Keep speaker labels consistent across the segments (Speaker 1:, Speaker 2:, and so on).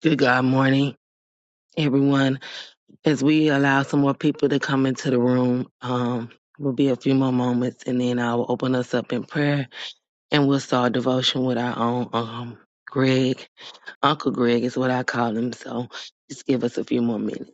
Speaker 1: Good God morning, everyone. As we allow some more people to come into the room, um, will be a few more moments and then I will open us up in prayer and we'll start devotion with our own um Greg. Uncle Greg is what I call him, so just give us a few more minutes.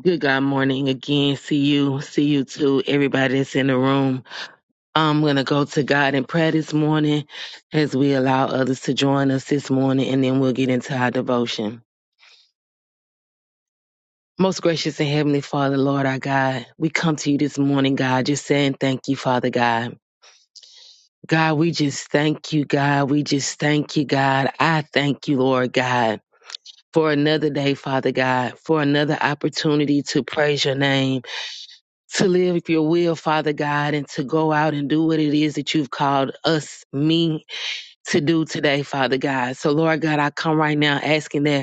Speaker 1: Good God morning again. See you, see you too, everybody that's in the room. I'm gonna go to God in prayer this morning as we allow others to join us this morning and then we'll get into our devotion. Most gracious and heavenly Father, Lord our God, we come to you this morning, God, just saying thank you, Father God. God, we just thank you, God. We just thank you, God. I thank you, Lord God, for another day, Father God, for another opportunity to praise your name, to live your will, Father God, and to go out and do what it is that you've called us, me, to do today, Father God. So, Lord God, I come right now asking that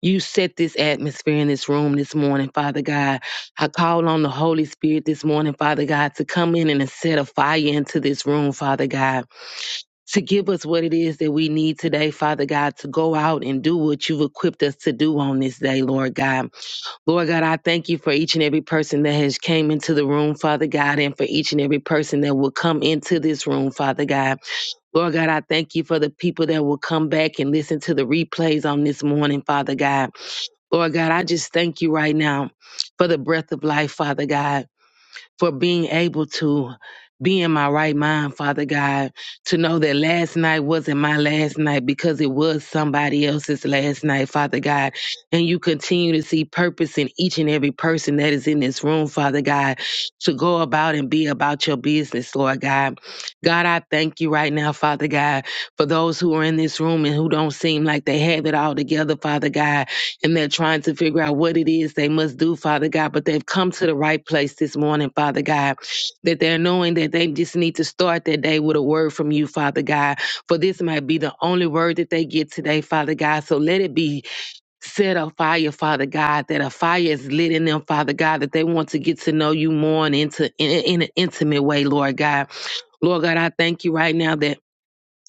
Speaker 1: You set this atmosphere in this room this morning, Father God. I call on the Holy Spirit this morning, Father God, to come in and set a fire into this room, Father God, to give us what it is that we need today, Father God, to go out and do what you've equipped us to do on this day, Lord God. Lord God, I thank you for each and every person that has came into the room, Father God, and for each and every person that will come into this room, Father God. Lord God, I thank you for the people that will come back and listen to the replays on this morning, Father God. Lord God, I just thank you right now for the breath of life, Father God for being able to be in my right mind, Father God, to know that last night wasn't my last night because it was somebody else's last night, Father God. And you continue to see purpose in each and every person that is in this room, Father God, to go about and be about your business, Lord God. God, I thank you right now, Father God, for those who are in this room and who don't seem like they have it all together, Father God and they're trying to figure out what it is they must do, Father God. But they've come to the right place this morning, Father God, that they're knowing that they just need to start their day with a word from you, Father God. For this might be the only word that they get today, Father God. So let it be set a fire, Father God, that a fire is lit in them, Father God, that they want to get to know you more and into in, in an intimate way, Lord God. Lord God, I thank you right now that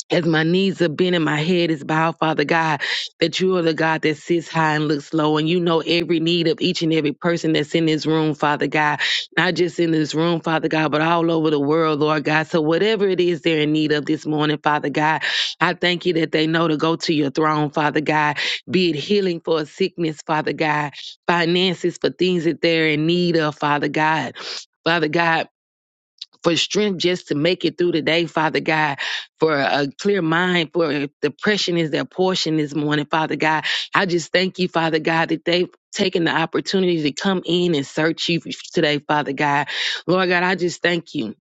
Speaker 1: as my knees are bent and my head is bowed, Father God, that you are the God that sits high and looks low, and you know every need of each and every person that's in this room, Father God. Not just in this room, Father God, but all over the world, Lord God. So whatever it is they're in need of this morning, Father God, I thank you that they know to go to your throne, Father God. Be it healing for a sickness, Father God, finances for things that they're in need of, Father God. Father God for strength just to make it through the day, Father God, for a clear mind, for depression is their portion this morning, Father God. I just thank you, Father God, that they've taken the opportunity to come in and search you today, Father God. Lord God, I just thank you.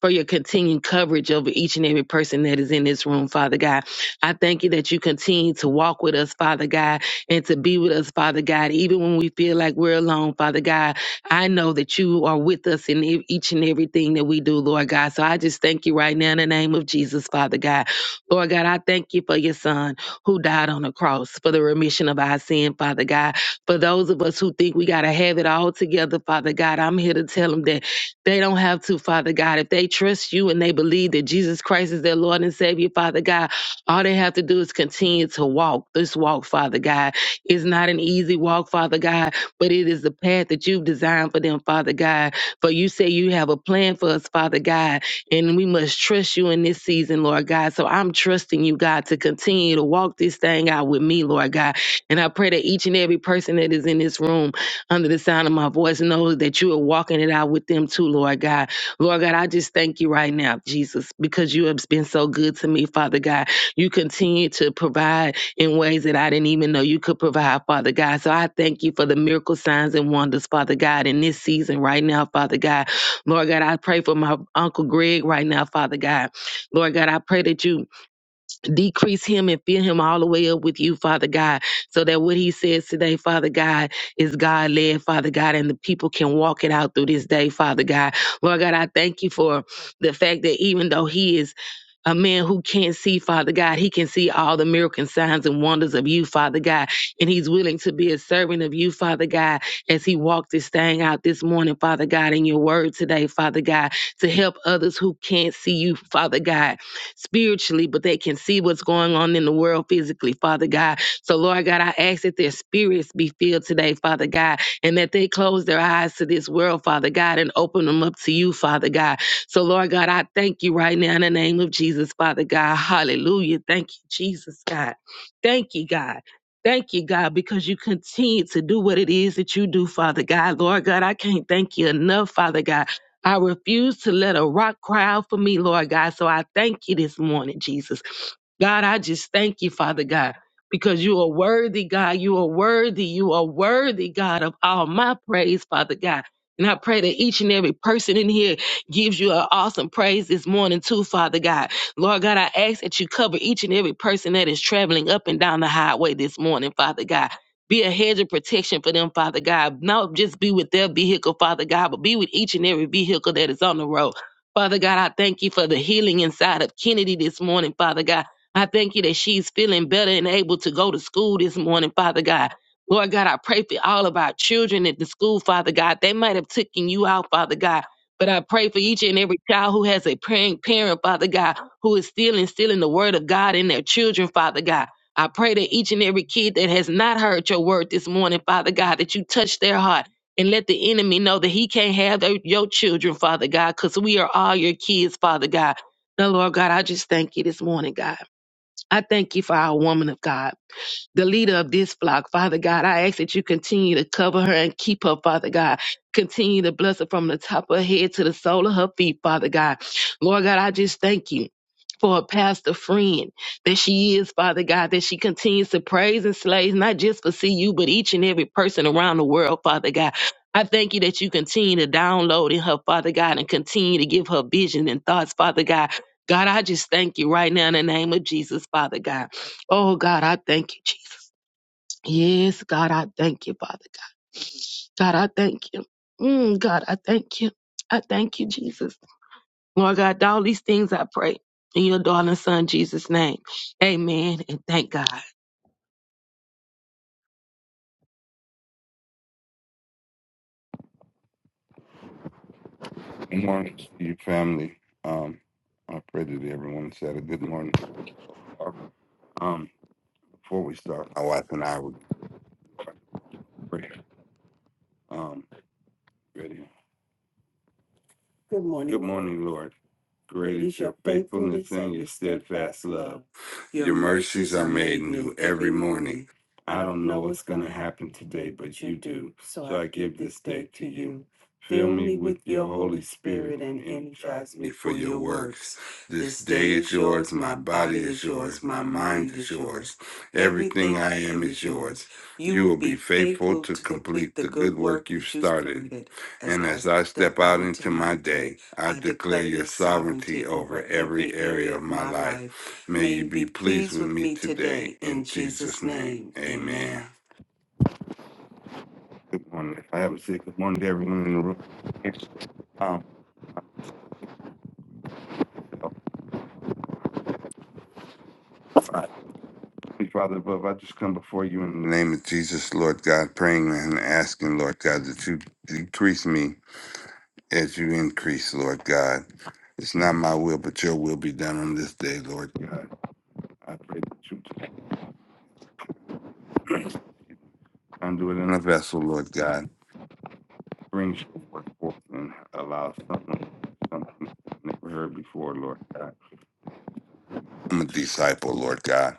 Speaker 1: For your continued coverage over each and every person that is in this room, Father God. I thank you that you continue to walk with us, Father God, and to be with us, Father God, even when we feel like we're alone, Father God. I know that you are with us in e- each and everything that we do, Lord God. So I just thank you right now in the name of Jesus, Father God. Lord God, I thank you for your son who died on the cross for the remission of our sin, Father God. For those of us who think we got to have it all together, Father God, I'm here to tell them that they don't have to, Father God. If they trust you and they believe that Jesus Christ is their Lord and Savior, Father God, all they have to do is continue to walk this walk, Father God. It's not an easy walk, Father God but it is the path that you've designed for them, Father God. For you say you have a plan for us, Father God, and we must trust you in this season, Lord God. So I'm trusting you, God, to continue to walk this thing out with me, Lord God. And I pray that each and every person that is in this room under the sound of my voice knows that you are walking it out with them too, Lord God. Lord God, I just thank you right now, Jesus, because you have been so good to me, Father God. You continue to provide in ways that I didn't even know you could provide, Father God. So I thank you for the miracle signs and wonders, Father God, in this season right now, Father God. Lord God, I pray for my Uncle Greg right now, Father God. Lord God, I pray that you decrease him and fill him all the way up with you, Father God, so that what he says today, Father God, is God led, Father God, and the people can walk it out through this day, Father God. Lord God, I thank you for the fact that even though he is a man who can't see, Father God. He can see all the miracle signs and wonders of you, Father God. And he's willing to be a servant of you, Father God, as he walked this thing out this morning, Father God, in your word today, Father God, to help others who can't see you, Father God, spiritually, but they can see what's going on in the world physically, Father God. So, Lord God, I ask that their spirits be filled today, Father God, and that they close their eyes to this world, Father God, and open them up to you, Father God. So, Lord God, I thank you right now in the name of Jesus, Father God. Hallelujah. Thank you, Jesus, God. Thank you, God. Thank you, God, because you continue to do what it is that you do, Father God. Lord God, I can't thank you enough, Father God. I refuse to let a rock cry out for me, Lord God. So I thank you this morning, Jesus. God, I just thank you, Father God, because you are worthy, God. You are worthy. You are worthy, God, of all my praise, Father God. And I pray that each and every person in here gives you an awesome praise this morning, too, Father God. Lord God, I ask that you cover each and every person that is traveling up and down the highway this morning, Father God. Be a hedge of protection for them, Father God. Not just be with their vehicle, Father God, but be with each and every vehicle that is on the road. Father God, I thank you for the healing inside of Kennedy this morning, Father God. I thank you that she's feeling better and able to go to school this morning, Father God. Lord God, I pray for all of our children at the school, Father God. They might have taken you out, Father God. But I pray for each and every child who has a praying parent, Father God, who is still instilling the word of God in their children, Father God. I pray that each and every kid that has not heard your word this morning, Father God, that you touch their heart and let the enemy know that he can't have their, your children, Father God, because we are all your kids, Father God. Now, Lord God, I just thank you this morning, God. I thank you for our woman of God the leader of this flock, Father God. I ask that you continue to cover her and keep her, Father God. Continue to bless her from the top of her head to the sole of her feet, Father God. Lord God, I just thank you. For a pastor friend that she is, Father God, that she continues to praise and slay, not just for CU, but each and every person around the world, Father God. I thank you that you continue to download in her, Father God, and continue to give her vision and thoughts, Father God. God, I just thank you right now in the name of Jesus, Father God. Oh, God, I thank you, Jesus. Yes, God, I thank you, Father God. God, I thank you. Mm, God, I thank you. I thank you, Jesus. Lord God, all these things I pray in your darling son, Jesus' name. Amen. And thank God.
Speaker 2: Good morning to you, family. Um, I pray that everyone said a good morning. Um, before we start, my wife and I would pray. Um, ready. Good morning, Good morning, Lord. Great is your faithfulness and your steadfast love. Your mercies are made new every morning. I don't know what's going to happen today, but you do. So I give this day to you. Fill me with your Holy Spirit and energize me for your works. This day is yours, my body is yours, my mind is yours, everything I am is yours. You will be faithful to complete the good work you've started. And as I step out into my day, I declare your sovereignty over every area of my life. May you be pleased with me today in Jesus' name. Amen. Good morning. I have a sick good morning to everyone in the room. Um, Father above, I just come before you in the name of Jesus, Lord God, praying and asking, Lord God, that you decrease me as you increase, Lord God. It's not my will, but your will be done on this day, Lord God. I pray that you conduit in a vessel, Lord God. Bring forth and allow someone something never heard before, Lord God. I'm a disciple, Lord God,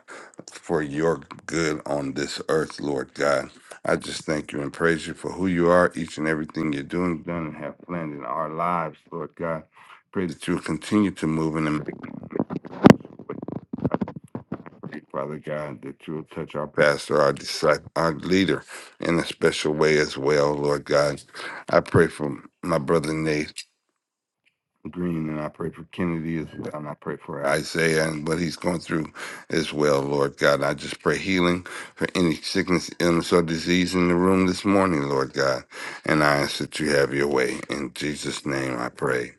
Speaker 2: for your good on this earth, Lord God. I just thank you and praise you for who you are, each and everything you're doing, done, and have planned in our lives, Lord God. Pray that you will continue to move in the Father God, that you will touch our pastor, our disciple, our leader in a special way as well, Lord God. I pray for my brother Nate Green, and I pray for Kennedy as well, and I pray for Isaiah and what he's going through as well, Lord God. I just pray healing for any sickness, illness, or disease in the room this morning, Lord God. And I ask that you have your way. In Jesus' name I pray.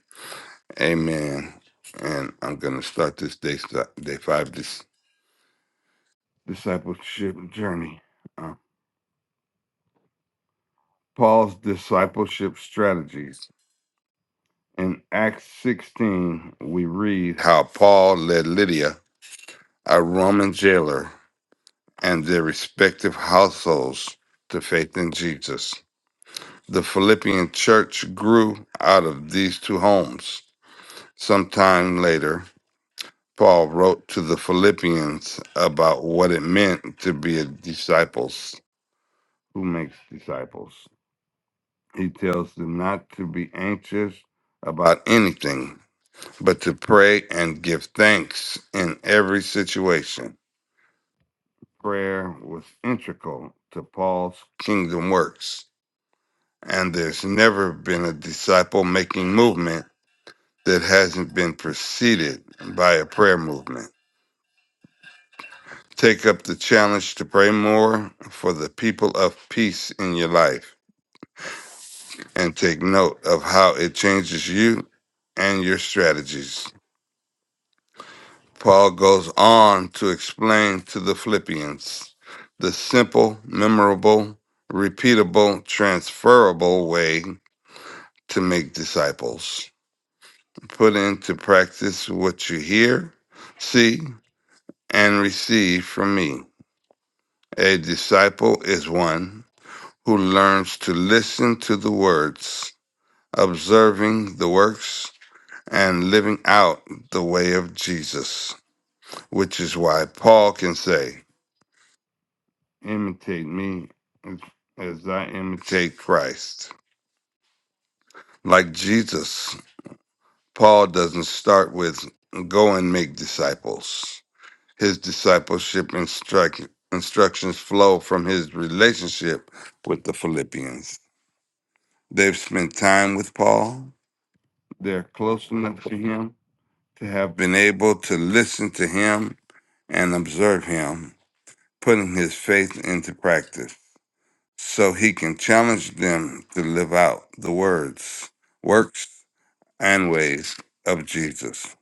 Speaker 2: Amen. And I'm going to start this day, day five this. discipleship journey. Uh, Paul's discipleship strategies. In Acts 16, we read how Paul led Lydia, a Roman jailer, and their respective households to faith in Jesus. The Philippian church grew out of these two homes. Sometime later, Paul wrote to the Philippians about what it meant to be a disciples who makes disciples. He tells them not to be anxious about anything, but to pray and give thanks in every situation. Prayer was integral to Paul's kingdom works, and there's never been a disciple making movement that hasn't been preceded by a prayer movement. Take up the challenge to pray more for the people of peace in your life and take note of how it changes you and your strategies. Paul goes on to explain to the Philippians the simple, memorable, repeatable, transferable way to make disciples. Put into practice what you hear, see, and receive from me. A disciple is one who learns to listen to the words, observing the works, and living out the way of Jesus, which is why Paul can say, imitate me as, as I imitate Christ. Like Jesus, Paul doesn't start with go and make disciples. His discipleship instruct, instructions flow from his relationship with the Philippians. They've spent time with Paul, they're close enough to him to have been able to listen to him and observe him, putting his faith into practice. so he can challenge them to live out the words, works, and ways of Jesus.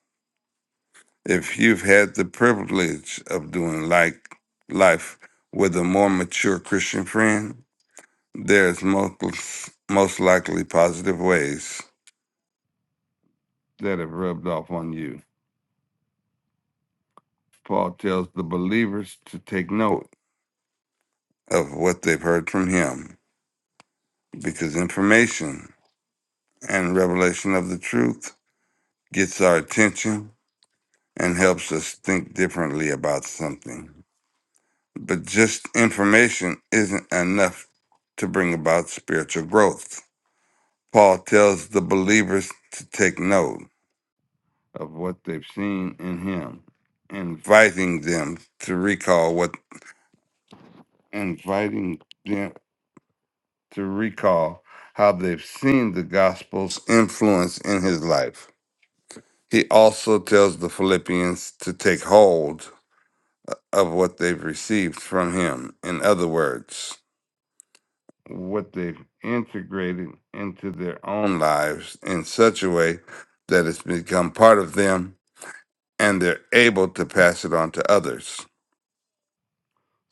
Speaker 2: If you've had the privilege of doing like life with a more mature Christian friend, there's most, most likely positive ways that have rubbed off on you. Paul tells the believers to take note of what they've heard from him because information and revelation of the truth gets our attention and helps us think differently about something. But just information isn't enough to bring about spiritual growth. Paul tells the believers to take note of what they've seen in him, inviting them to recall what inviting them to recall how they've seen the gospel's influence in his life. He also tells the Philippians to take hold of what they've received from him. In other words, what they've integrated into their own lives in such a way that it's become part of them and they're able to pass it on to others.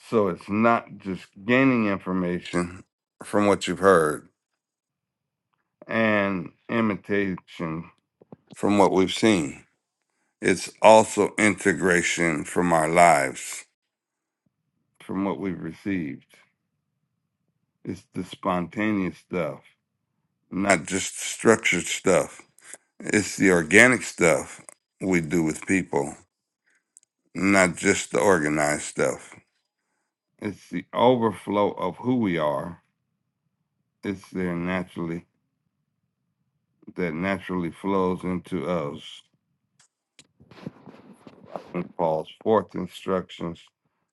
Speaker 2: So it's not just gaining information from what you've heard and imitation from what we've seen. It's also integration from our lives, from what we've received. It's the spontaneous stuff not just structured stuff. It's the organic stuff we do with people, not just the organized stuff. It's the overflow of who we are. It's there naturally that naturally flows into us and Paul's fourth instructions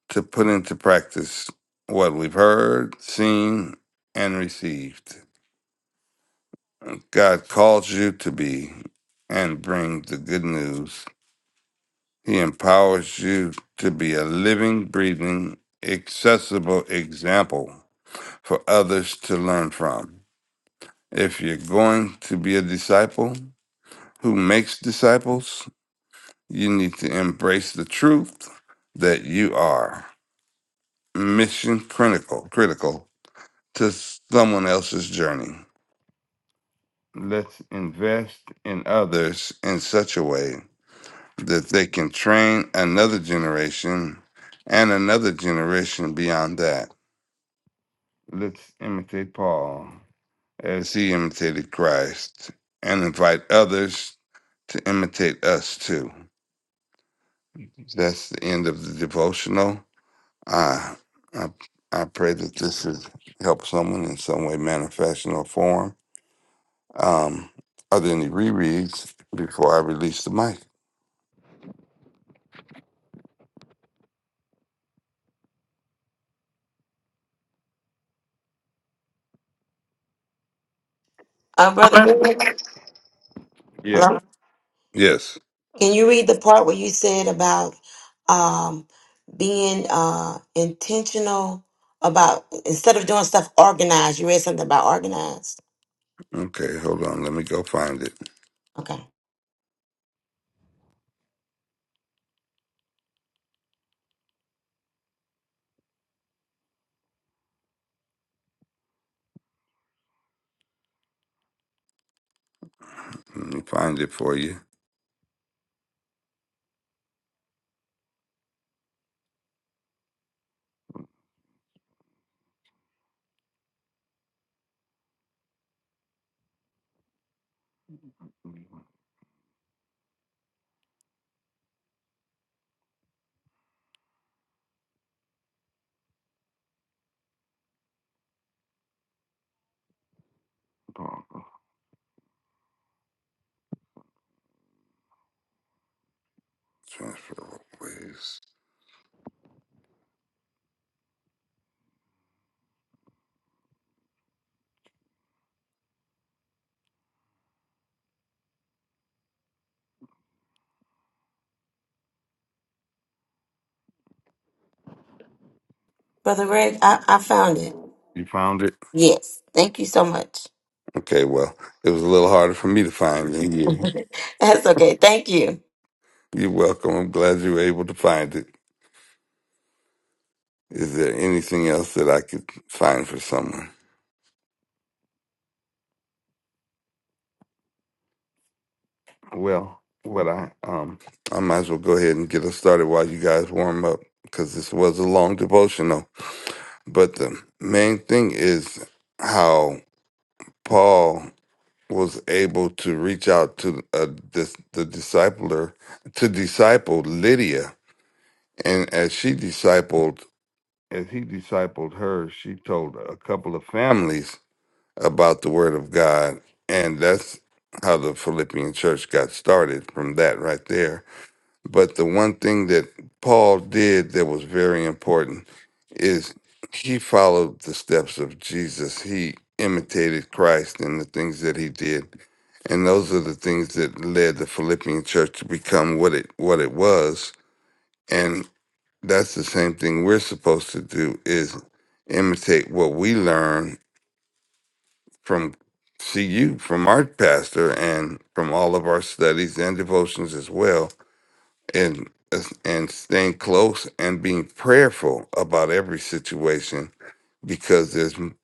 Speaker 2: to put into practice what we've heard, seen, and received. God calls you to be and bring the good news He empowers you to be a living, breathing, accessible example for others to learn from. If you're going to be a disciple who makes disciples, you need to embrace the truth that you are mission critical, critical to someone else's journey. Let's invest in others in such a way that they can train another generation and another generation beyond that Let's imitate Paul as he imitated Christ and invite others to imitate us too. That's the end of the devotional. I, I, I pray that this has helped someone in some way, manner, fashion, or form. Um, are there any rereads before I release the mic?
Speaker 3: Uh, Brother Bennett,
Speaker 2: Yeah.
Speaker 3: hello.
Speaker 2: Yes.
Speaker 3: Can you read the part where you said about um, being uh, intentional about instead of doing stuff organized? You read something about organized.
Speaker 2: Okay, hold on. Let me go find it.
Speaker 3: Okay,
Speaker 2: Let me find it for you. Transfer ways.
Speaker 3: Brother Greg, I, I found it.
Speaker 2: You found it?
Speaker 3: Yes, thank you so much.
Speaker 2: Okay, well, it was a little harder for me to find than you.
Speaker 3: That's okay. Thank you.
Speaker 2: You're welcome. I'm glad you were able to find it. Is there anything else that I could find for someone? Well, what I um, I might as well go ahead and get us started while you guys warm up because this was a long devotional. But the main thing is how Paul was able to reach out to uh, this, the discipler to disciple Lydia, and as she discipled as he discipled her, she told a couple of families about the word of God. And that's how the Philippian church got started from that right there. But the one thing that Paul did that was very important is he followed the steps of Jesus. He imitated Christ in the things that he did. And those are the things that led the Philippian church to become what it what it was that's the same thing we're supposed to do is imitate what we learn from CU, from our pastor, and from all of our studies and devotions as well, and and staying close and being prayerful about every situation because there's m-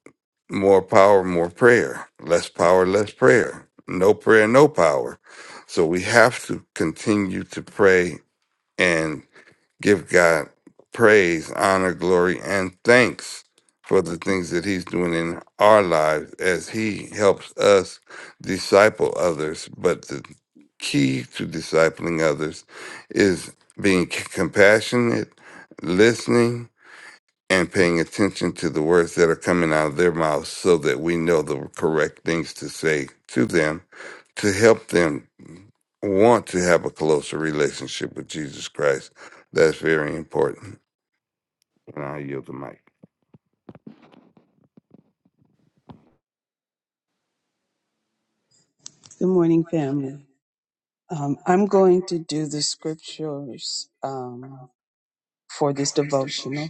Speaker 2: more power, more prayer, less power, less prayer, no prayer, no power. So we have to continue to pray and. Give God praise, honor, glory, and thanks for the things that He's doing in our lives as He helps us disciple others. But the key to discipling others is being c- compassionate, listening, and paying attention to the words that are coming out of their mouths so that we know the correct things to say to them to help them want to have a closer relationship with Jesus Christ. That's very important. And I yield the mic.
Speaker 4: Good morning, family. Um, I'm going to do the scriptures um, for this devotional.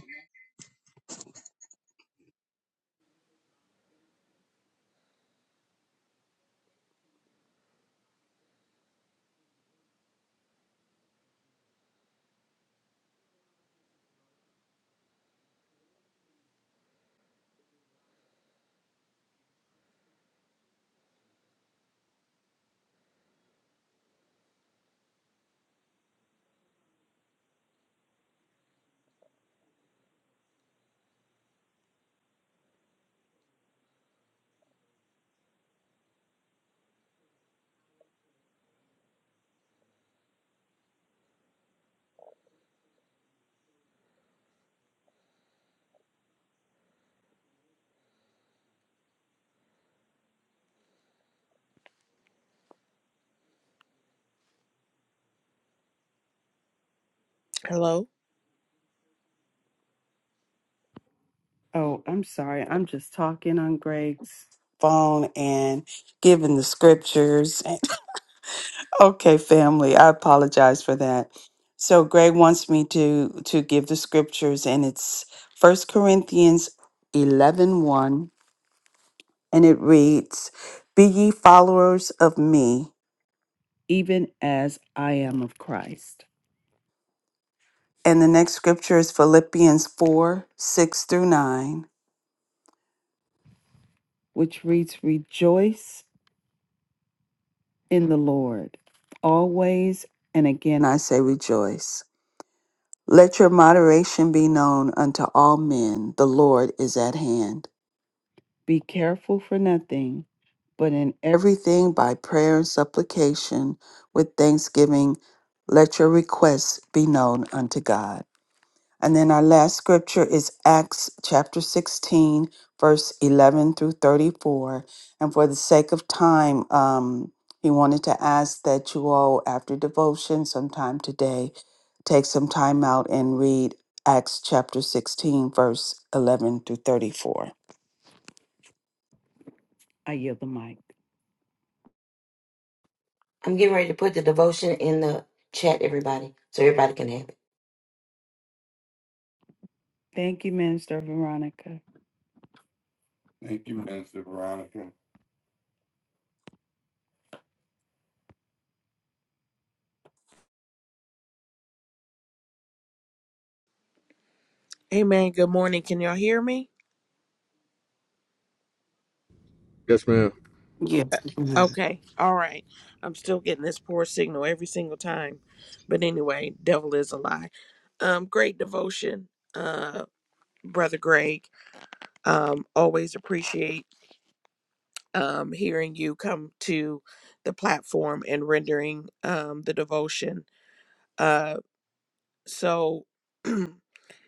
Speaker 5: Hello.
Speaker 2: Oh, I'm sorry. I'm just talking on Greg's phone and giving the scriptures. Okay, family, I apologize for that. So Greg wants me to to give the scriptures and it's First Corinthians eleven one, and it reads, "Be ye followers of me, even as I am of Christ." And the next scripture is Philippians 4, 6 through 9, which reads, "Rejoice in the Lord. Always and again I say rejoice. Let your moderation be known unto all men. The Lord is at hand. Be careful for nothing, but in everything by prayer and supplication with thanksgiving, let your requests be known unto God. And then our last scripture is Acts chapter 16, verse 11 through 34. And for the sake of time, um, he wanted to ask that you all, after devotion sometime today, take some time out and read Acts chapter 16, verse 11 through 34. I yield the mic.
Speaker 3: I'm getting ready to put the devotion in the chat, everybody, so everybody can have it.
Speaker 2: Thank you, Minister Veronica. Thank you, Minister Veronica.
Speaker 5: Amen. Good morning. Can y'all hear me?
Speaker 6: Yes, ma'am.
Speaker 5: Uh,
Speaker 7: Yes. we can.
Speaker 5: Okay. All right. I'm still getting this poor signal every single time. But anyway, devil is a lie. Um, great devotion, uh, Brother Greg. Um, always appreciate um hearing you come to the platform and rendering um the devotion. Uh so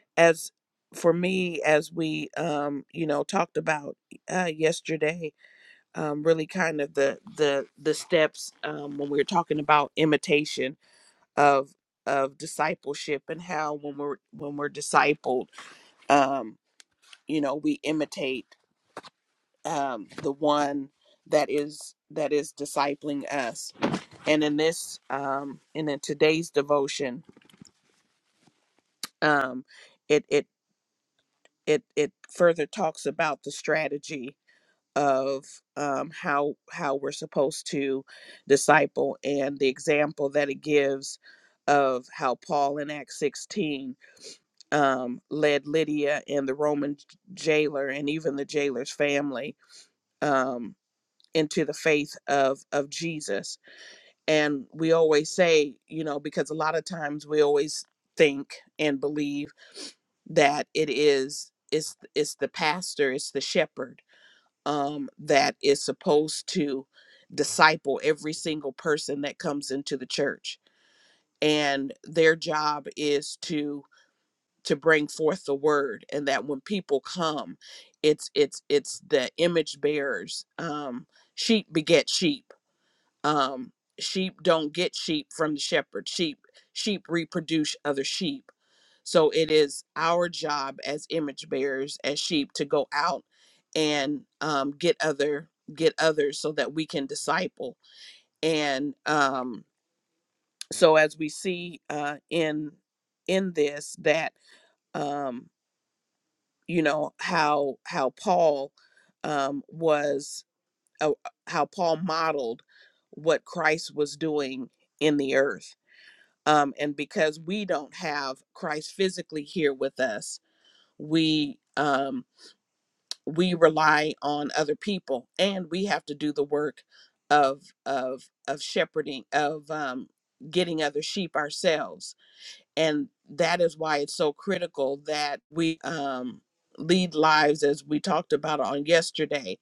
Speaker 5: as for me, as we um, you know, talked about uh yesterday um, really kind of the the the steps um, when we were talking about imitation of of discipleship and how when we're when we're discipled, um, you know, we imitate um, the one that is that is discipling us. And in this um, and in today's devotion, um, it it it it further talks about the strategy of um, how how we're supposed to disciple and the example that it gives of how Paul in Acts 16 um, led Lydia and the Roman jailer and even the jailer's family um, into the faith of of Jesus. And we always say, you know, because a lot of times we always think and believe that it is it's it's the pastor, it's the shepherd um, that is supposed to disciple every single person that comes into the church and their job is to to bring forth the word and that when people come it's it's it's the image bearers um sheep beget sheep um sheep don't get sheep from the shepherd sheep sheep reproduce other sheep so it is our job as image bearers as sheep to go out and um, get other get others so that we can disciple and um so as we see uh in in this that um you know how how paul um was uh, how paul modeled what christ was doing in the earth um, and because we don't have Christ physically here with us, we um, we rely on other people, and we have to do the work of of of shepherding of um, getting other sheep ourselves, and that is why it's so critical that we um, lead lives as we talked about on yesterday.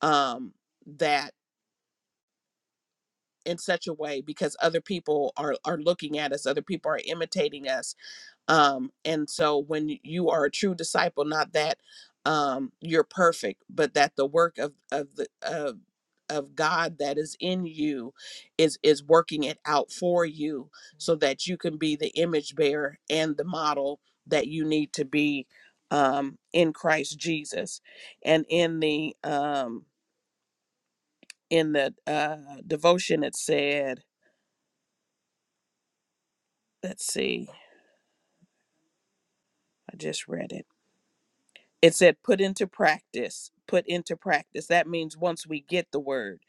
Speaker 5: Um, that in such a way because other people are are looking at us other people are imitating us um and so when you are a true disciple not that um you're perfect but that the work of of the of of God that is in you is is working it out for you so that you can be the image bearer and the model that you need to be um in Christ Jesus and in the um in the uh devotion it said let's see I just read it it said put into practice put into practice that means once we get the word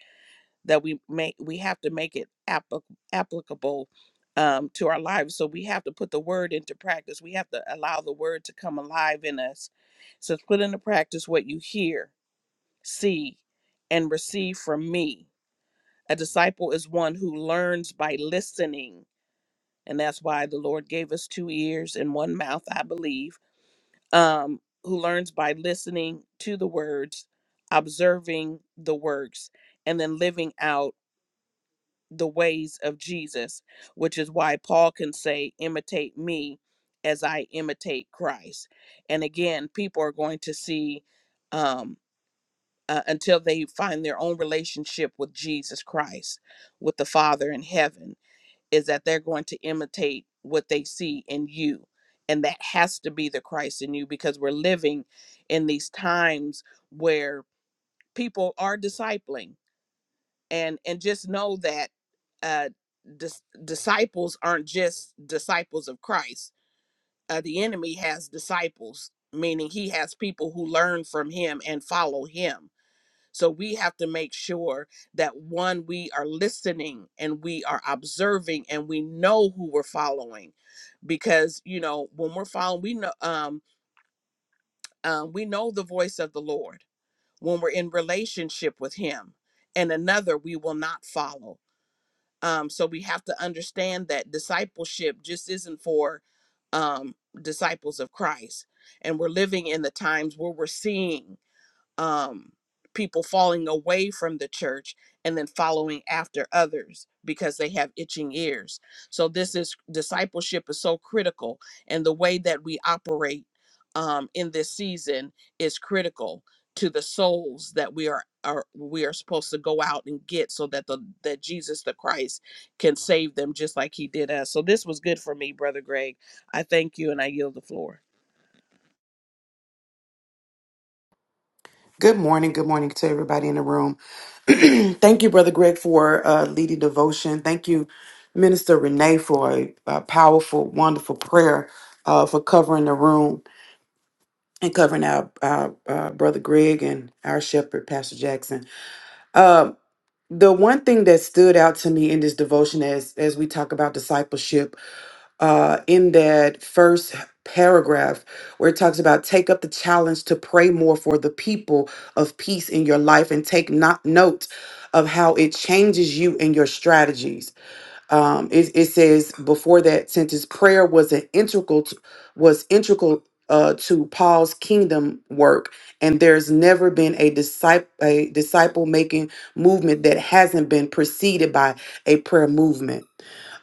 Speaker 5: that we make we have to make it applic applicable um, to our lives so we have to put the word into practice we have to allow the word to come alive in us so put into practice what you hear see and receive from me a disciple is one who learns by listening and that's why the lord gave us two ears and one mouth i believe um, who learns by listening to the words, observing the works, and then living out the ways of Jesus, which is why Paul can say, Imitate me as I imitate Christ. And again, people are going to see um, uh, until they find their own relationship with Jesus Christ, with the Father in heaven is that they're going to imitate what they see in you. And that has to be the Christ in you because we're living in these times where people are discipling. And and just know that uh, dis- disciples aren't just disciples of Christ. Uh, the enemy has disciples, meaning he has people who learn from him and follow him. So we have to make sure that one, we are listening and we are observing and we know who we're following because you know when we're following we know um, um we know the voice of the lord when we're in relationship with him and another we will not follow um so we have to understand that discipleship just isn't for um disciples of christ and we're living in the times where we're seeing um, people falling away from the church and then following after others because they have itching ears. So this is discipleship is so critical, and the way that we operate um, in this season is critical to the souls that we are are we are supposed to go out and get so that the that Jesus the Christ can save them just like he did us. So this was good for me, brother Greg. I thank you and I yield the floor.
Speaker 7: Good morning. Good morning to everybody in the room. Thank you, Brother Greg, for uh, leading devotion. Thank you, Minister Renee, for a, a powerful, wonderful prayer uh, for covering the room and covering our, our uh, Brother Greg and our shepherd, Pastor Jackson. Uh, the one thing that stood out to me in this devotion as as we talk about discipleship uh, in that first paragraph where it talks about take up the challenge to pray more for the people of peace in your life and take not note of how it changes you and your strategies. Um, it, it says before that sentence, prayer was an integral to, was integral uh, to Paul's kingdom work, and there's never been a disciple a disciple making movement that hasn't been preceded by a prayer movement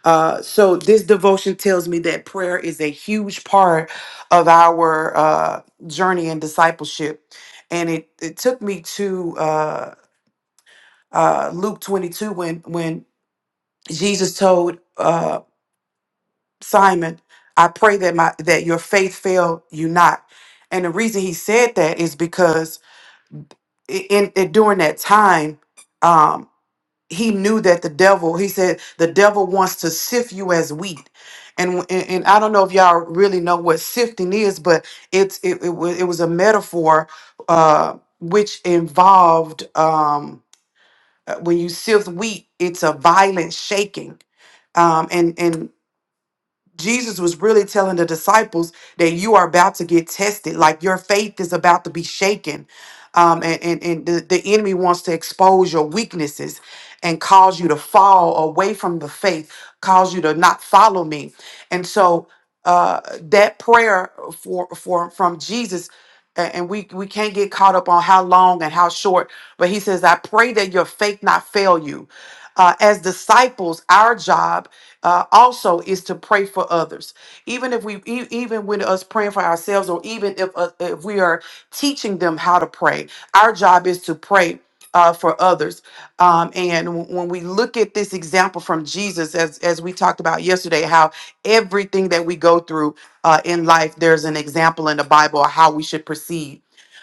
Speaker 7: uh, so this devotion tells me that prayer is a huge part of our uh, journey in discipleship, and it it took me to uh, uh, Luke twenty two when when Jesus told uh, Simon, "I pray that my that your faith fail you not," and the reason he said that is because i- in, in during that time. um, he knew that the devil he said the devil wants to sift you as wheat and and, and i don't know if y'all really know what sifting is but it's it, it, was, it was a metaphor uh which involved um uh, when you sift wheat it's a violent shaking um and and Jesus was really telling the disciples that you are about to get tested, like your faith is about to be shaken. Um, and and, and the, the enemy wants to expose your weaknesses and cause you to fall away from the faith, cause you to not follow me. And so uh, that prayer for for from Jesus, a- and we we can't get caught up on how long and how short, but he says, I pray that your faith not fail you. Uh, as disciples, our job uh, also is to pray for others even if we e- even with us praying for ourselves or even if uh, if we are teaching them how to pray our job is to pray uh, for others um, and w- when we look at this example from jesus as as we talked about yesterday how everything that we go through uh, in life there's an example in the bible of how we should proceed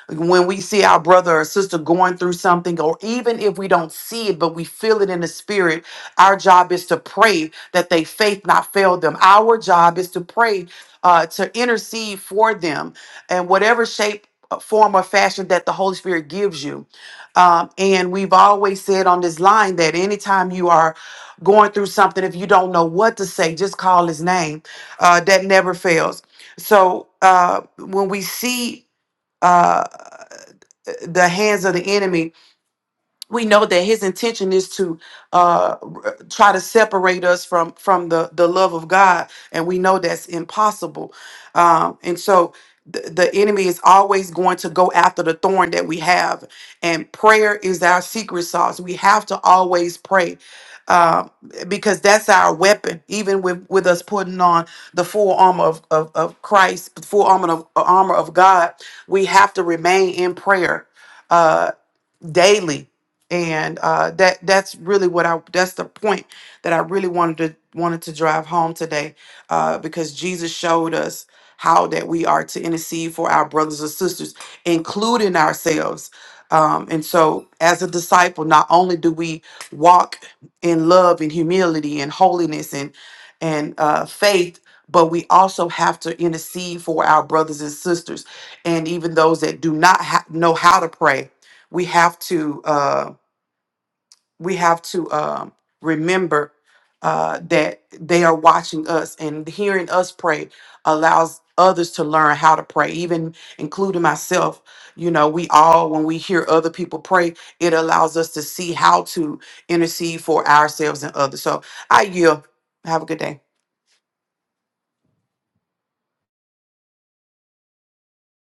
Speaker 7: when we see our brother or sister going through something, or even if we don't see it, but we feel it in the spirit, our job is to pray that they faith not fail them. Our job is to pray, uh, to intercede for them, and whatever shape, uh, form, or fashion that the Holy Spirit gives you. Um, and we've always said on this line that anytime you are going through something, if you don't know what to say, just call His name. Uh, that never fails. So uh, when we see uh, the hands of the enemy we know that his intention is to uh, r- try to separate us from from the the love of God, and we know that's impossible. Um, and so the, the enemy is always going to go after the thorn that we have, and prayer is our secret sauce. We have to always pray uh, because that's our weapon even with with us putting on the full armor of, of, of christ the full armor of armor of god we have to remain in prayer uh daily and uh, that that's really what I that's the point that I really wanted to wanted to drive home today uh, because Jesus showed us how that we are to intercede for our brothers and sisters, including ourselves. Um, and so, as a disciple, not only do we walk in love and humility and holiness and and uh, faith, but we also have to intercede for our brothers and sisters, and even those that do not ha- know how to pray. We have to. Uh, we have to um, remember uh, that they are watching us and hearing us pray allows others to learn how to pray even including myself you know we all when we hear other people pray it allows us to see how to intercede for ourselves and others so i yield have a good day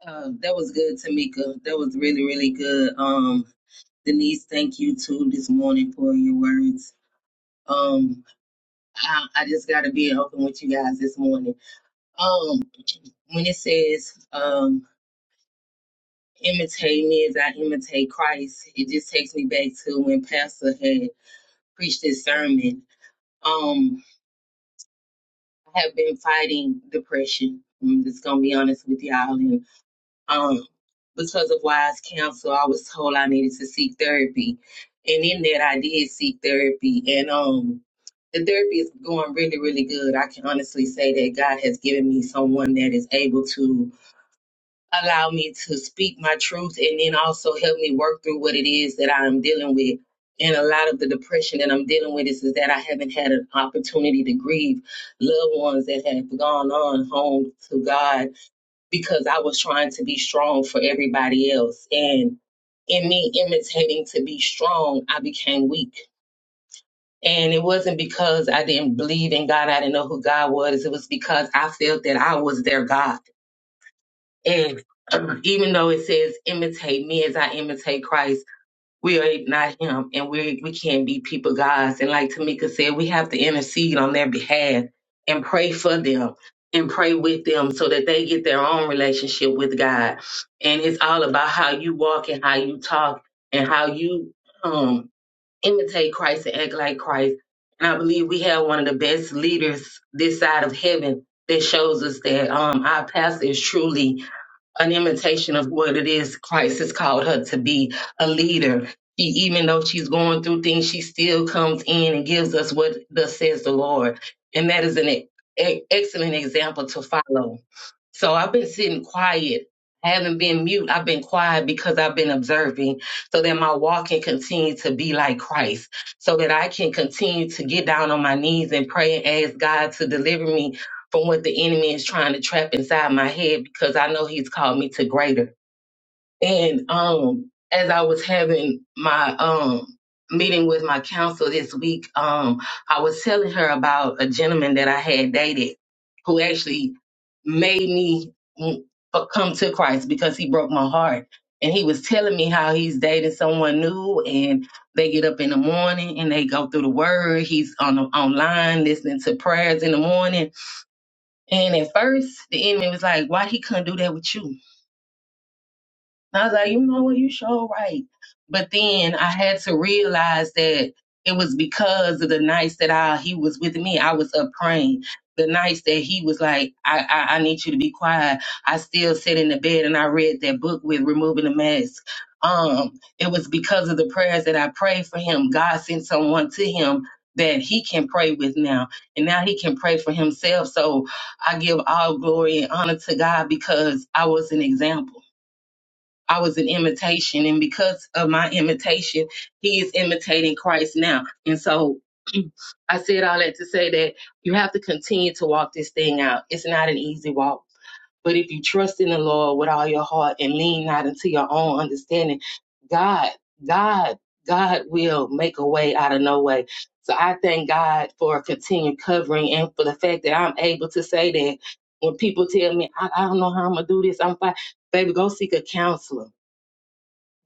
Speaker 1: Um, that was good, Tamika. That was really, really good. Um, Denise, thank you too this morning for your words. Um, I, I just got to be open with you guys this morning. Um, when it says, um, imitate me as I imitate Christ. It just takes me back to when Pastor had preached his sermon. Um, I have been fighting depression. I'm just gonna be honest with y'all, and um, because of wise counsel, I was told I needed to seek therapy, and in that I did seek therapy, and um. The therapy is going really, really good. I can honestly say that God has given me someone that is able to allow me to speak my truth and then also help me work through what it is that I'm dealing with. And a lot of the depression that I'm dealing with is, is that I haven't had an opportunity to grieve loved ones that have gone on home to God because I was trying to be strong for everybody else. And in me imitating to be strong, I became weak. And it wasn't because I didn't believe in God, I didn't know who God was. It was because I felt that I was their God and even though it says imitate me as I imitate Christ, we are not him and we we can't be people gods. And like Tamika said, we have to intercede on their behalf and pray for them and pray with them so that they get their own relationship with God. And it's all about how you walk and how you talk and how you um imitate Christ and act like Christ. And I believe we have one of the best leaders this side of heaven that shows us that um our pastor is truly an imitation of what it is Christ has called her to be a leader. She, even though she's going through things, she still comes in and gives us what thus says the Lord. And that is an e- e, excellent example to follow. So I've been sitting quiet. I haven't been mute. I've been quiet because I've been observing so that my walk can continue to be like Christ, so that I can continue to get down on my knees and pray and ask God to deliver me from what the enemy is trying to trap inside my head because I know he's called me to greater. And um, as I was having my um meeting with my counsel this week, um, I was telling her about a gentleman that I had dated who actually made me mm, come to Christ because he broke my heart. And he was telling me how he's dating someone new, and they get up in the morning and they go through the word. He's on the, online listening to prayers in the morning. And at first, the enemy was like, "Why he couldn't do that with you?" I was like, you know what, you sure right. But then I had to realize that it was because of the nights that I he was with me, I was up praying. The nights that he was like, I, I, I need you to be quiet. I still sat in the bed and I read that book with removing the mask. Um, it was because of the prayers that I prayed for him. God sent someone to him that he can pray with now. And now he can pray for himself. So I give all glory and honor to God because I was an example. I was an imitation, and because of my imitation, he is imitating Christ now. And so I said all that to say that you have to continue to walk this thing out. It's not a walk. But if you trust in the Lord with all your heart and lean not into your own understanding, God, God, God will make a way out of no way. So I thank God for a continued covering and for the fact that I'm able to say that when people tell me, I, I don't know how I'm going to do this, I'm fine. Baby, go seek a counselor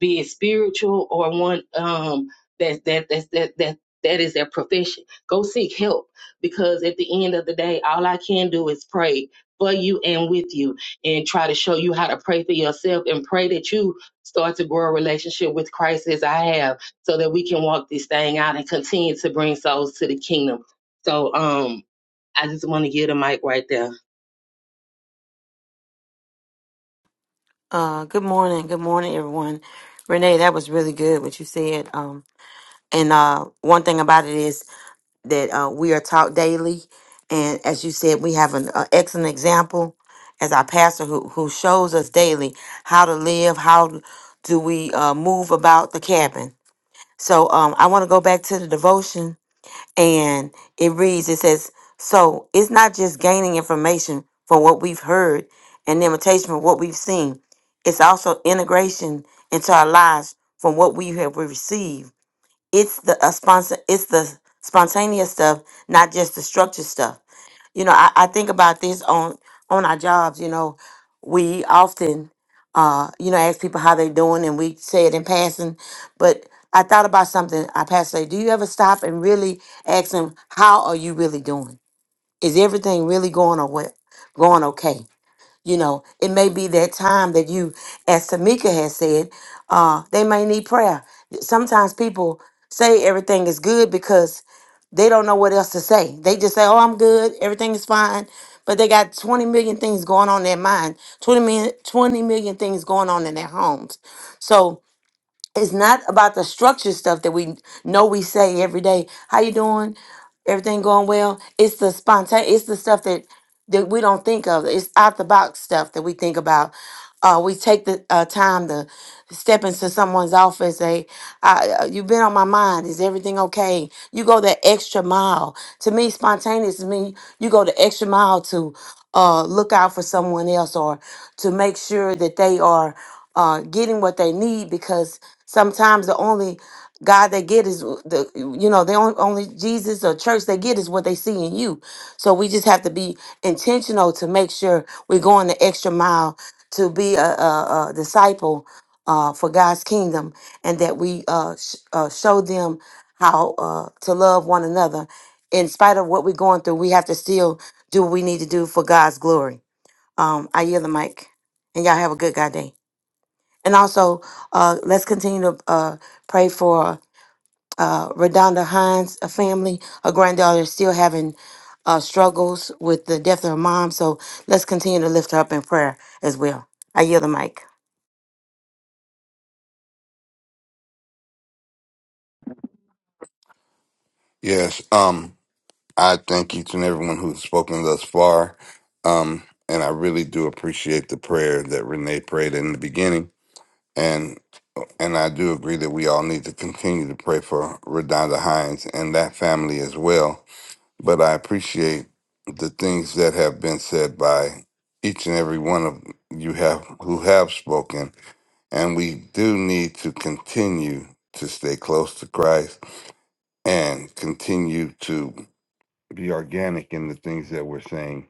Speaker 1: be it spiritual or one um that that that that that that is their profession. Go seek help because at the end of the day, all I can do is pray for you and with you and try to show you how to pray for yourself and pray that you start to grow a relationship with Christ as I have so that we can walk this thing out and continue to bring souls to the kingdom. So um I just want to give the mic right there.
Speaker 3: Uh, good morning. Good morning, everyone. Renee, that was really good what you said. Um, and uh, one thing about it is that uh, we are taught daily. And as you said, we have an uh, excellent example as our pastor who, who shows us daily how to live, how do we uh, move about the cabin. So um, I want to go back to the devotion, and it reads it says, So it's not just gaining information from what we've heard and imitation from what we've seen, it's also integration into our lives from what we have received it's the a sponsor it's the spontaneous stuff not just the structured stuff you know i, I think about this on on our jobs you know we often uh you know ask people how they doing and we say it in passing but i thought about something i passed say do you ever stop and really ask them how are you really doing is everything really going or what going okay you know, it may be that time that you, as Tamika has said, uh, they may need prayer. Sometimes people say everything is good because they don't know what else to say. They just say, oh, I'm good, everything is fine. But they got 20 million things going on in their mind, 20 million, 20 million things going on in their homes. So it's not about the structure stuff that we know we say every day. How you doing? Everything going well? It's the spontaneous, it's the stuff that that we don't think of. It's out the box stuff that we think about. Uh, we take the uh, time to step into someone's office. Say, I, uh, "You've been on my mind. Is everything okay?" You go that extra mile. To me, spontaneous means you go the extra mile to uh, look out for someone else or to make sure that they are uh, getting what they need. Because sometimes the only God they get is the you know the only, only Jesus or church they get is what they see in you. So we just have to be intentional to make sure we're going the extra mile to be a, a, a disciple uh, for God's kingdom and that we uh, sh- uh, show them how uh, to love one another. In spite of what we're going through, we have to still do what we need to do for God's glory. Um, I yield the mic, and y'all have a good God day. And also, uh, let's continue to uh, pray for uh, Redonda Hines, a family, her granddaughter is still having uh, struggles with the death of her mom. So let's continue to lift her up in prayer as well. I yield the mic.
Speaker 2: Yes. Um. I thank each and everyone who's spoken thus far. Um, and I really do appreciate the prayer that Renee prayed in the beginning. And and I do agree that we all need to continue to pray for Redonda Hines and that family as well. But I appreciate the things that have been said by each and every one of you have who have spoken. And we do need to continue to stay close to Christ and continue to be organic in the things that we're saying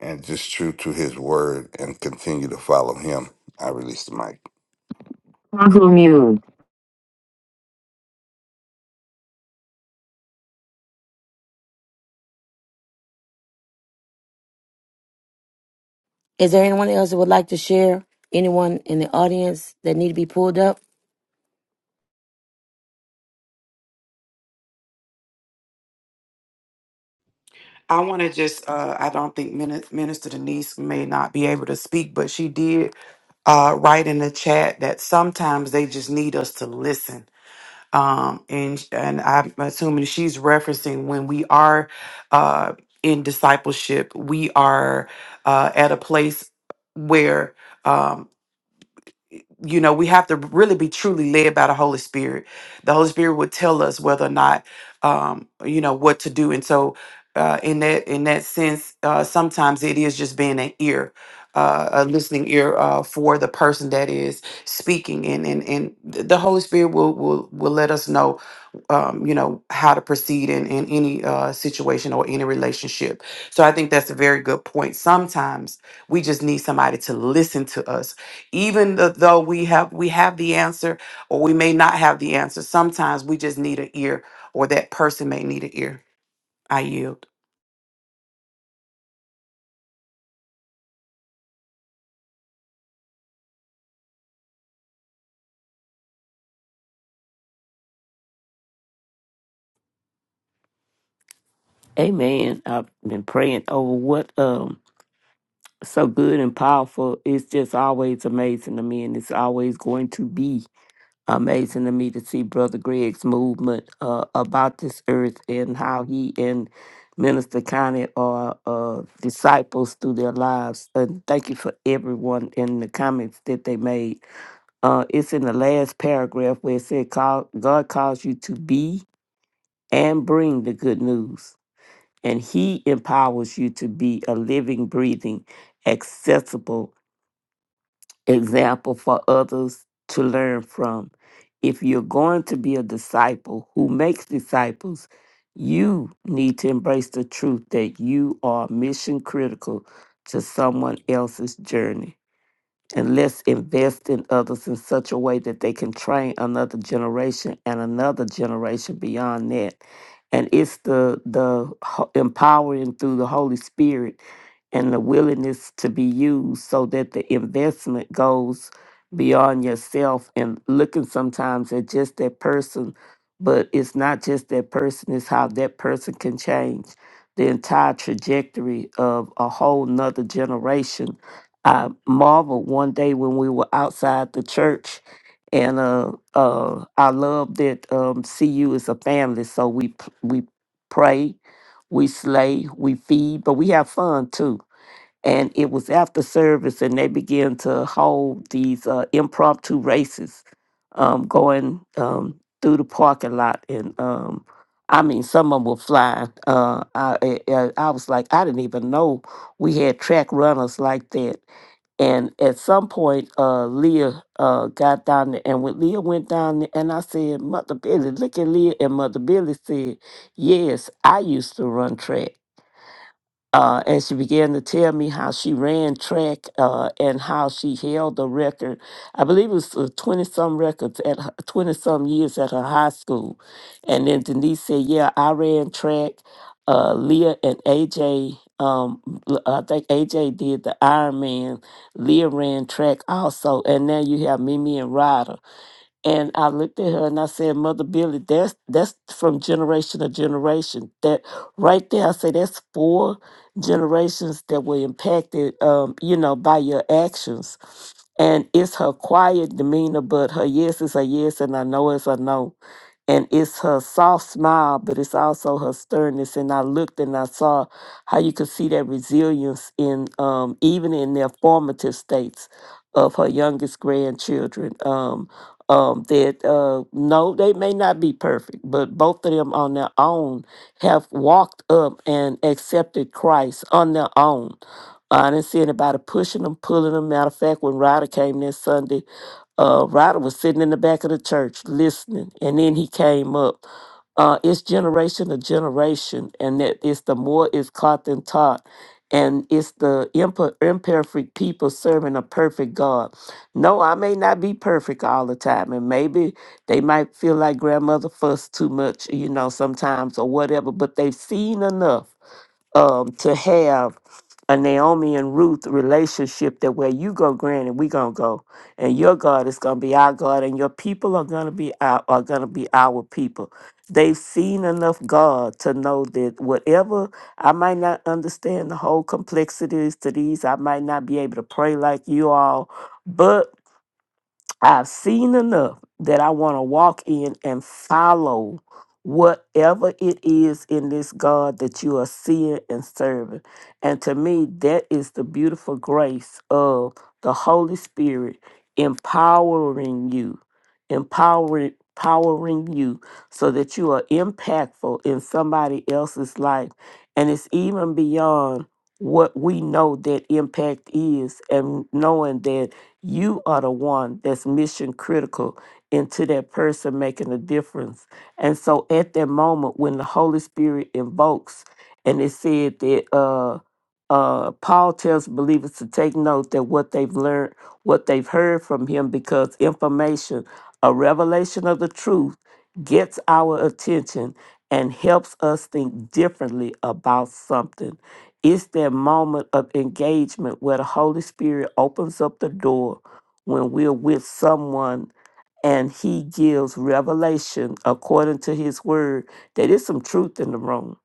Speaker 2: and just true to his word and continue to follow him. I release the mic. Uncle Mute.
Speaker 3: Is there anyone else that would like to share? Anyone in the audience that need to be pulled up?
Speaker 7: i want to just uh, i don't think Min- minister denise may not be able to speak but she did uh, write in the chat that sometimes they just need us to listen um, and and I'm assuming she's referencing when we are uh, in discipleship, we are uh, at a place where um, you know, we have to really be truly led by the Holy Spirit. The Holy Spirit would tell us whether or not, um, you know, what to do. And so, uh, in that in that sense, uh, sometimes it is just being an ear, uh, a listening ear uh, for the person that is speaking, and and and th- the Holy Spirit will will will let us know, um, you know, how to proceed in in any uh, situation or any relationship. So I think that's a very good point. Sometimes we just need somebody to listen to us even th- though we have we have the answer or we may not have the answer sometimes we just need an ear or that person may need an ear i yield
Speaker 8: Amen. I've been praying over what um so good and powerful. It's just always amazing to me, and it's always going to be amazing to me to see Brother Greg's movement uh, about this earth and how he and Minister Connie are uh, disciples through their lives. And thank you for everyone in the comments that they made. Uh, it's in the last paragraph where it said, "Call- "God calls you to be and bring the good news." and He empowers you to be a living, breathing, accessible example for others to learn from. If you're going to be a disciple who makes disciples, you need to embrace the truth that you are mission critical to someone else's journey. And let's invest in others in such a way that they can train another generation and another generation beyond that. And it's the the ho- empowering through the Holy Spirit and the willingness to be used so that the investment goes beyond yourself and looking sometimes at just that person, but it's not just that person, it's how that person can change the entire trajectory of a whole nother generation I marveled one day when we were outside the church, and uh, uh, I love that um, CU is a family. So we p- we pray, we slay, we feed, but we have fun too. And it was after service, and they began to hold these uh, impromptu races, um, going um, through the parking lot, and um, I mean, some of them were flying. Uh, I, I I was like, I didn't even know we had track runners like that and at some point, uh, Leah uh, got down there, and when Leah went down there, and I said, "Mother Billy, look at Leah," and Mother Billy said, "Yes, I used to run track." uh, and she began to tell me how she ran track uh, and how she held the record. I believe it was twenty some records at twenty some years at her high school. And then Denise said, "Yeah, I ran track. Uh, Leah and AJ, um, l- I think AJ did the Ironman. Leah ran track also. And now you have Mimi and Ryder. And I looked at her and I said, Mother Billy, that's that's from generation to generation. That right there, I say that's four generations that were impacted, um, you know, by your actions. And it's her quiet demeanor, but her yes is a yes, and I know is a no. And it's her soft smile, but it's also her sternness. And I looked and I saw how you could see that resilience in um, even in their formative states of her youngest grandchildren. Um, um, that uh, no, they may not be perfect, but both of them on their own have walked up and accepted Christ on their own. I didn't see anybody pushing them, pulling them. Matter of fact, when Ryder came this Sunday, uh, Ryder was sitting in the back of the church listening, and then he came up. Uh, it's generation to generation, and that it's the more is caught than taught, and it's the imper- imperfect people serving a perfect God no, I may not be perfect all the time, and maybe they might feel like grandmother fussed too much, you know, sometimes or whatever. But they've seen enough um, to have a Naomi and Ruth relationship that where you go, granny, we gonna go, and your God is gonna be our God, and your people are gonna be our are gonna be our people. They've seen enough God to know that whatever I might not understand the whole complexities to these, I might not be able to pray like you all, but I've seen enough that I want to walk in and follow whatever it is in this God that you are seeing and serving. And to me, that is the beautiful grace of the Holy Spirit empowering you, empowering empowering you so that you are impactful in somebody else's life. And it's even beyond what we know that impact is and knowing that you are the one that's mission critical into that person making a difference. And so at that moment when the Holy Spirit invokes and it said that uh uh Paul tells believers to take note that what they've learned, what they've heard from him, because information, a revelation of the truth gets our attention and helps us think differently about something. It's that moment of engagement where the Holy Spirit opens up the door when we're with someone and he gives revelation according to his word that is some truth in the room.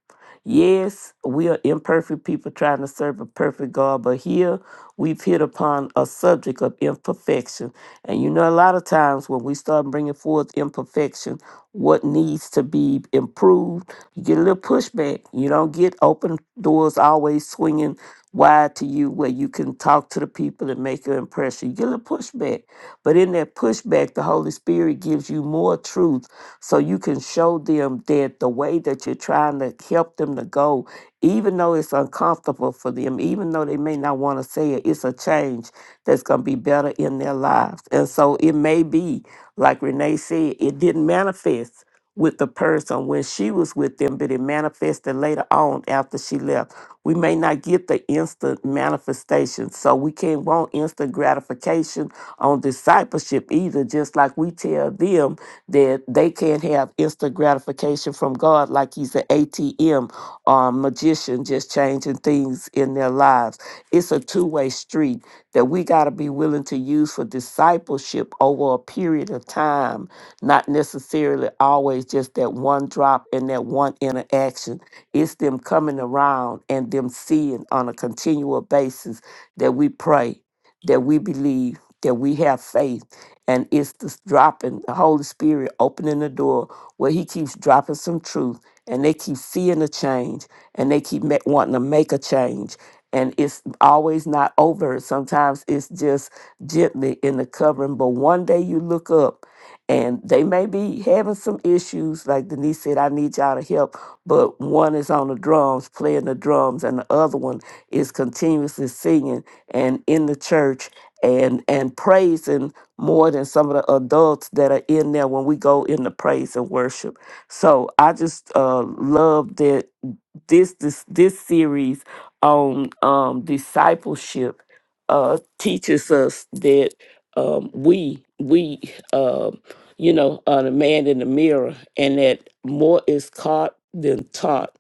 Speaker 8: Yes, we are imperfect people trying to serve a perfect God, but here we've hit upon a subject of imperfection. And you know, a lot of times when we start bringing forth imperfection, what needs to be improved, you get a little pushback. You don't get open doors always swinging wide to you where you can talk to the people and make an impression. You get a little pushback. But in that pushback, the Holy Spirit gives you more truth so you can show them that the way that you're trying to help them to go, even though it's uncomfortable for them, even though they may not want to say it, it's a change that's going to be better in their lives. And so it may be, like Renee said, it didn't manifest with the person when she was with them, but it manifested later on after she left. We may not get the instant manifestation, so we can't want instant gratification on discipleship either, just like we tell them that they can't have instant gratification from God, like He's an ATM um, magician just changing things in their lives. It's a two way street that we got to be willing to use for discipleship over a period of time, not necessarily always just that one drop and that one interaction. It's them coming around and them seeing on a continual basis that we pray, that we believe that we have faith. And it's this dropping, the Holy Spirit opening the door where He keeps dropping some truth and they keep seeing a change and they keep ma- wanting to make a change. And it's always not over. Sometimes it's just gently in the covering. But one day you look up and they may be having some issues. Like Denise said, I need y'all to help. But one is on the drums, playing the drums, and the other one is continuously singing and in the church and and praising more than some of the adults that are in there when we go into praise and worship. So I just uh, love that this this this series on um discipleship uh teaches us that um we we um you know are the man in the mirror and that more is caught than taught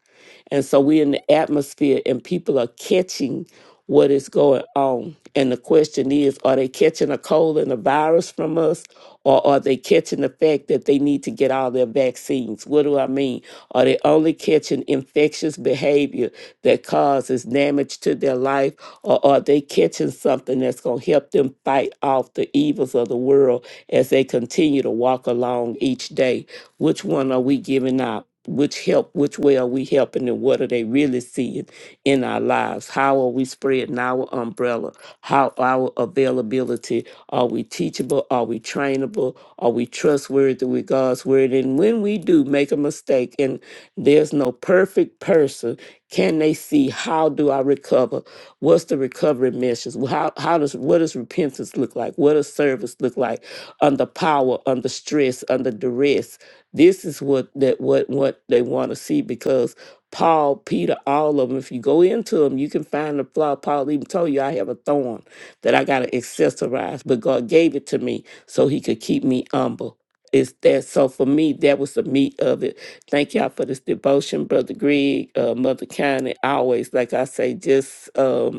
Speaker 8: and so we're in the atmosphere and people are catching what is going on and the question is are they catching a cold and a virus from us or are they catching the fact that they need to get all their vaccines? What do I mean? Are they only catching infectious behavior that causes damage to their life, or are they catching something that's going to help them fight off the evils of the world as they continue to walk along each day? Which one are we giving up? which help which way are we helping and what are they really seeing in our lives how are we spreading our umbrella how our availability are we teachable are we trainable are we trustworthy with god's word and when we do make a mistake and there's no perfect person can they see how do i recover what's the recovery measures how, how does what does repentance look like what does service look like under power under stress under duress this is what that what what they want to see because Paul, Peter, all of them. If you go into them, you can find the flaw. Paul even told you, "I have a thorn that I got to accessorize, but God gave it to me so He could keep me humble." It's that. So for me, that was the meat of it. Thank y'all for this devotion, Brother Greg, uh, Mother County. Always, like I say, just. um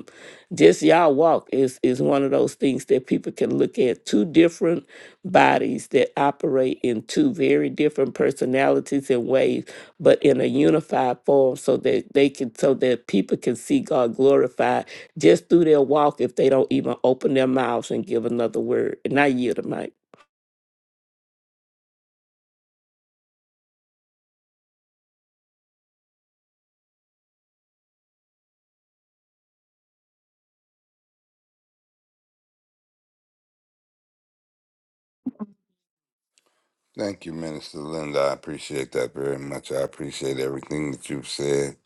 Speaker 8: just y'all walk is is one of those things that people can look at two different bodies that operate in two very different personalities and ways but in a unified form so that they can so that people can see god glorified just through their walk if they don't even open their mouths and give another word and i yield the mic
Speaker 2: Thank you, Minister Linda. I appreciate that very much. I appreciate everything that you've said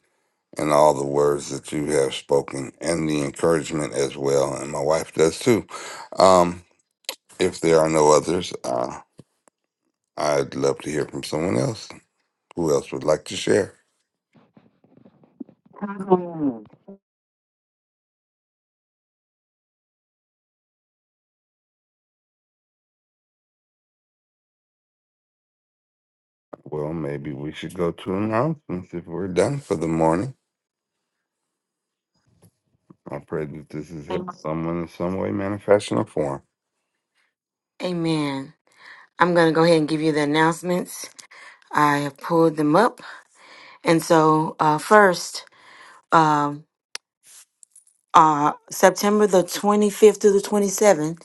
Speaker 2: and all the words that you have spoken and the encouragement as well. And my wife does too. Um, if there are no others, uh, I'd love to hear from someone else. Who else would like to share? Uncle Mute. Well, maybe we should go to announcements if we're done for the morning. I pray that this is help
Speaker 3: Thanks.
Speaker 2: someone in some way, manner, fashion, or form.
Speaker 3: Amen. I'm going to go ahead and give you the announcements. I have pulled them up. And so, uh, first, um, uh, September the 25th to the 27th,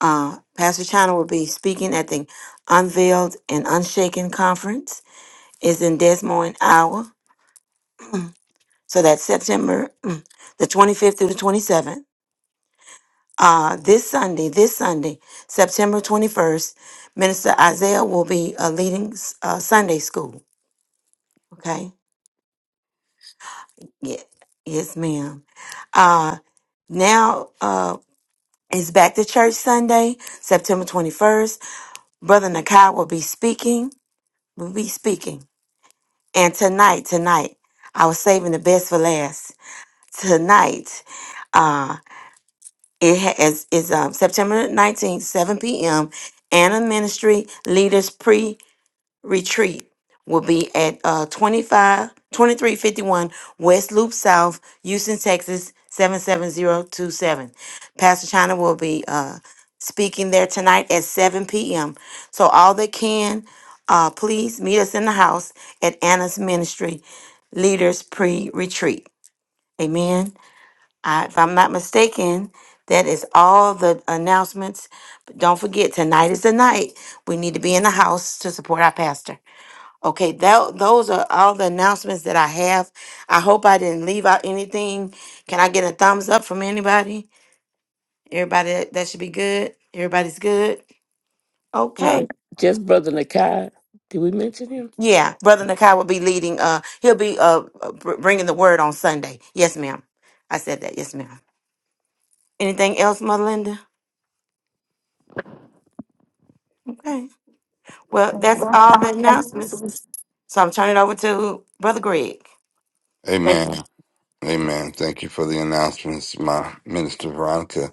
Speaker 3: uh, Pastor China will be speaking at the Unveiled and Unshaken Conference. It's in Des Moines, Iowa. So that's September mm, the 25th to the 27th. Uh, this Sunday, this Sunday, September 21st, Minister Isaiah will be uh, leading uh, Sunday school. Okay? Yeah. Yes, ma'am. Uh, now uh, it's back to church Sunday, September 21st. Brother Nakai will be speaking. Will be speaking. And tonight, tonight, I was saving the best for last. Tonight, uh, it ha- is, is um, September 19th, 7 p.m. Anna Ministry Leaders retreat will be at uh 25 2351 West Loop South, Houston, Texas 77027. Pastor China will be uh speaking there tonight at 7 p.m. So all that can uh please meet us in the house at Anna's Ministry Leaders Pre-Retreat. Amen. I, if I'm not mistaken, that is all the announcements. But don't forget, tonight is the night. We need to be in the house to support our pastor. Okay, that those are all the announcements that I have. I hope I didn't leave out anything. Can I get a thumbs up from anybody? Everybody that, that should be good. Everybody's good.
Speaker 8: uh,
Speaker 3: Okay.
Speaker 8: just brother nakai did we mention him
Speaker 3: Yeah, brother Nakai will be leading. Uh, he'll be uh uh, br- bringing the word on Sunday. Yes, ma'am. I said that. Yes, ma'am. Anything else, Mother Linda? Okay. Well, that's all the announcements. So I'm turning it over to brother Greg. Thanks.
Speaker 2: Amen. Amen. Thank you for the announcements, my minister Veronica.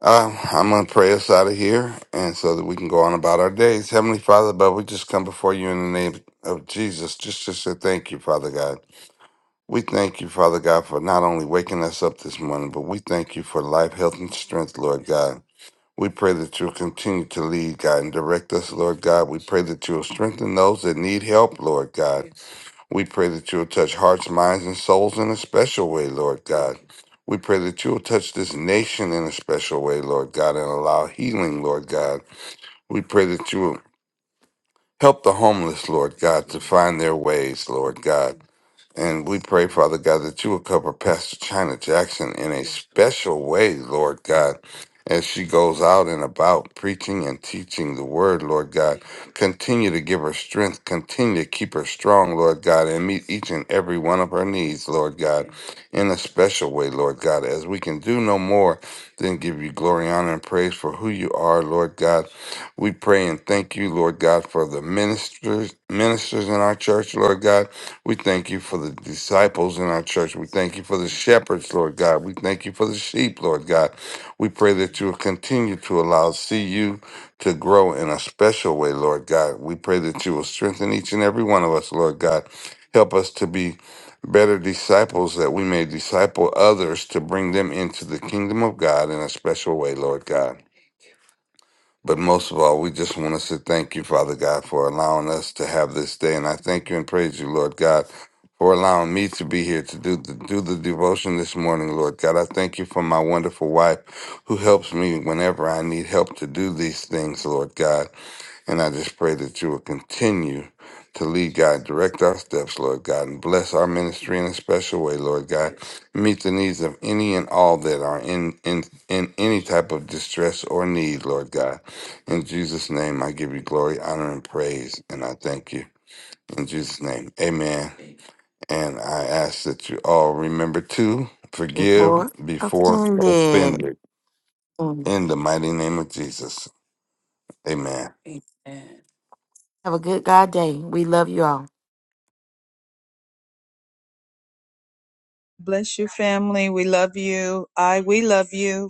Speaker 2: Uh, I'm going to pray us out of here and so that we can go on about our days. Heavenly Father, but we just come before you in the name of Jesus just to say thank you, Father God. We thank you, Father God, for not only waking us up this morning, but we thank you for life, health, and strength, Lord God. We pray that you'll continue to lead, God, and direct us, Lord God. We pray that you'll strengthen those that need help, Lord God. We pray that you'll touch hearts, minds, and souls in a special way, Lord God. We pray that you'll touch this nation in a special way, Lord God, and allow healing, Lord God. We pray that you will help the homeless, Lord God, to find their ways, Lord God. And we pray, Father God, that you will cover Pastor China Jackson in a special way, Lord God, as she goes out and about preaching and teaching the word, Lord God. Continue to give her strength. Continue to keep her strong, Lord God, and meet each and every one of her needs, Lord God, in a special way, Lord God, as we can do no more than give you glory, honor, and praise for who you are, Lord God. We pray and thank you, Lord God, for the ministers, ministers in our church, Lord God. We thank you for the disciples in our church. We thank you for the shepherds, Lord God. We thank you for the sheep, Lord God. We pray that you will continue to allow CU to grow in a special way, Lord God. We pray that you will strengthen each and every one of us, Lord God. Help us to be better disciples that we may disciple others to bring them into the kingdom of God in a special way, Lord God. But most of all, we just want to say thank you, Father God, for allowing us to have this day. And I thank you and praise you, Lord God, for allowing me to be here to do the, do the devotion this morning, Lord God. I thank you for my wonderful wife who helps me whenever I need help to do these things, Lord God. And I just pray that you will continue to lead God, direct our steps, Lord God, and bless our ministry in a special way, Lord God. Meet the needs of any and all that are in, in, in any type of distress or need, Lord God. In Jesus' name, I give you glory, honor, and praise, and I thank you. In Jesus' name, amen. And I ask that you all remember to forgive
Speaker 3: Before
Speaker 2: before
Speaker 3: offended.
Speaker 2: offended.
Speaker 3: Mm.
Speaker 2: In the mighty name of Jesus, amen. Amen.
Speaker 3: Have a good God day. We love you all.
Speaker 4: Bless you, family. We love you. I, we love you.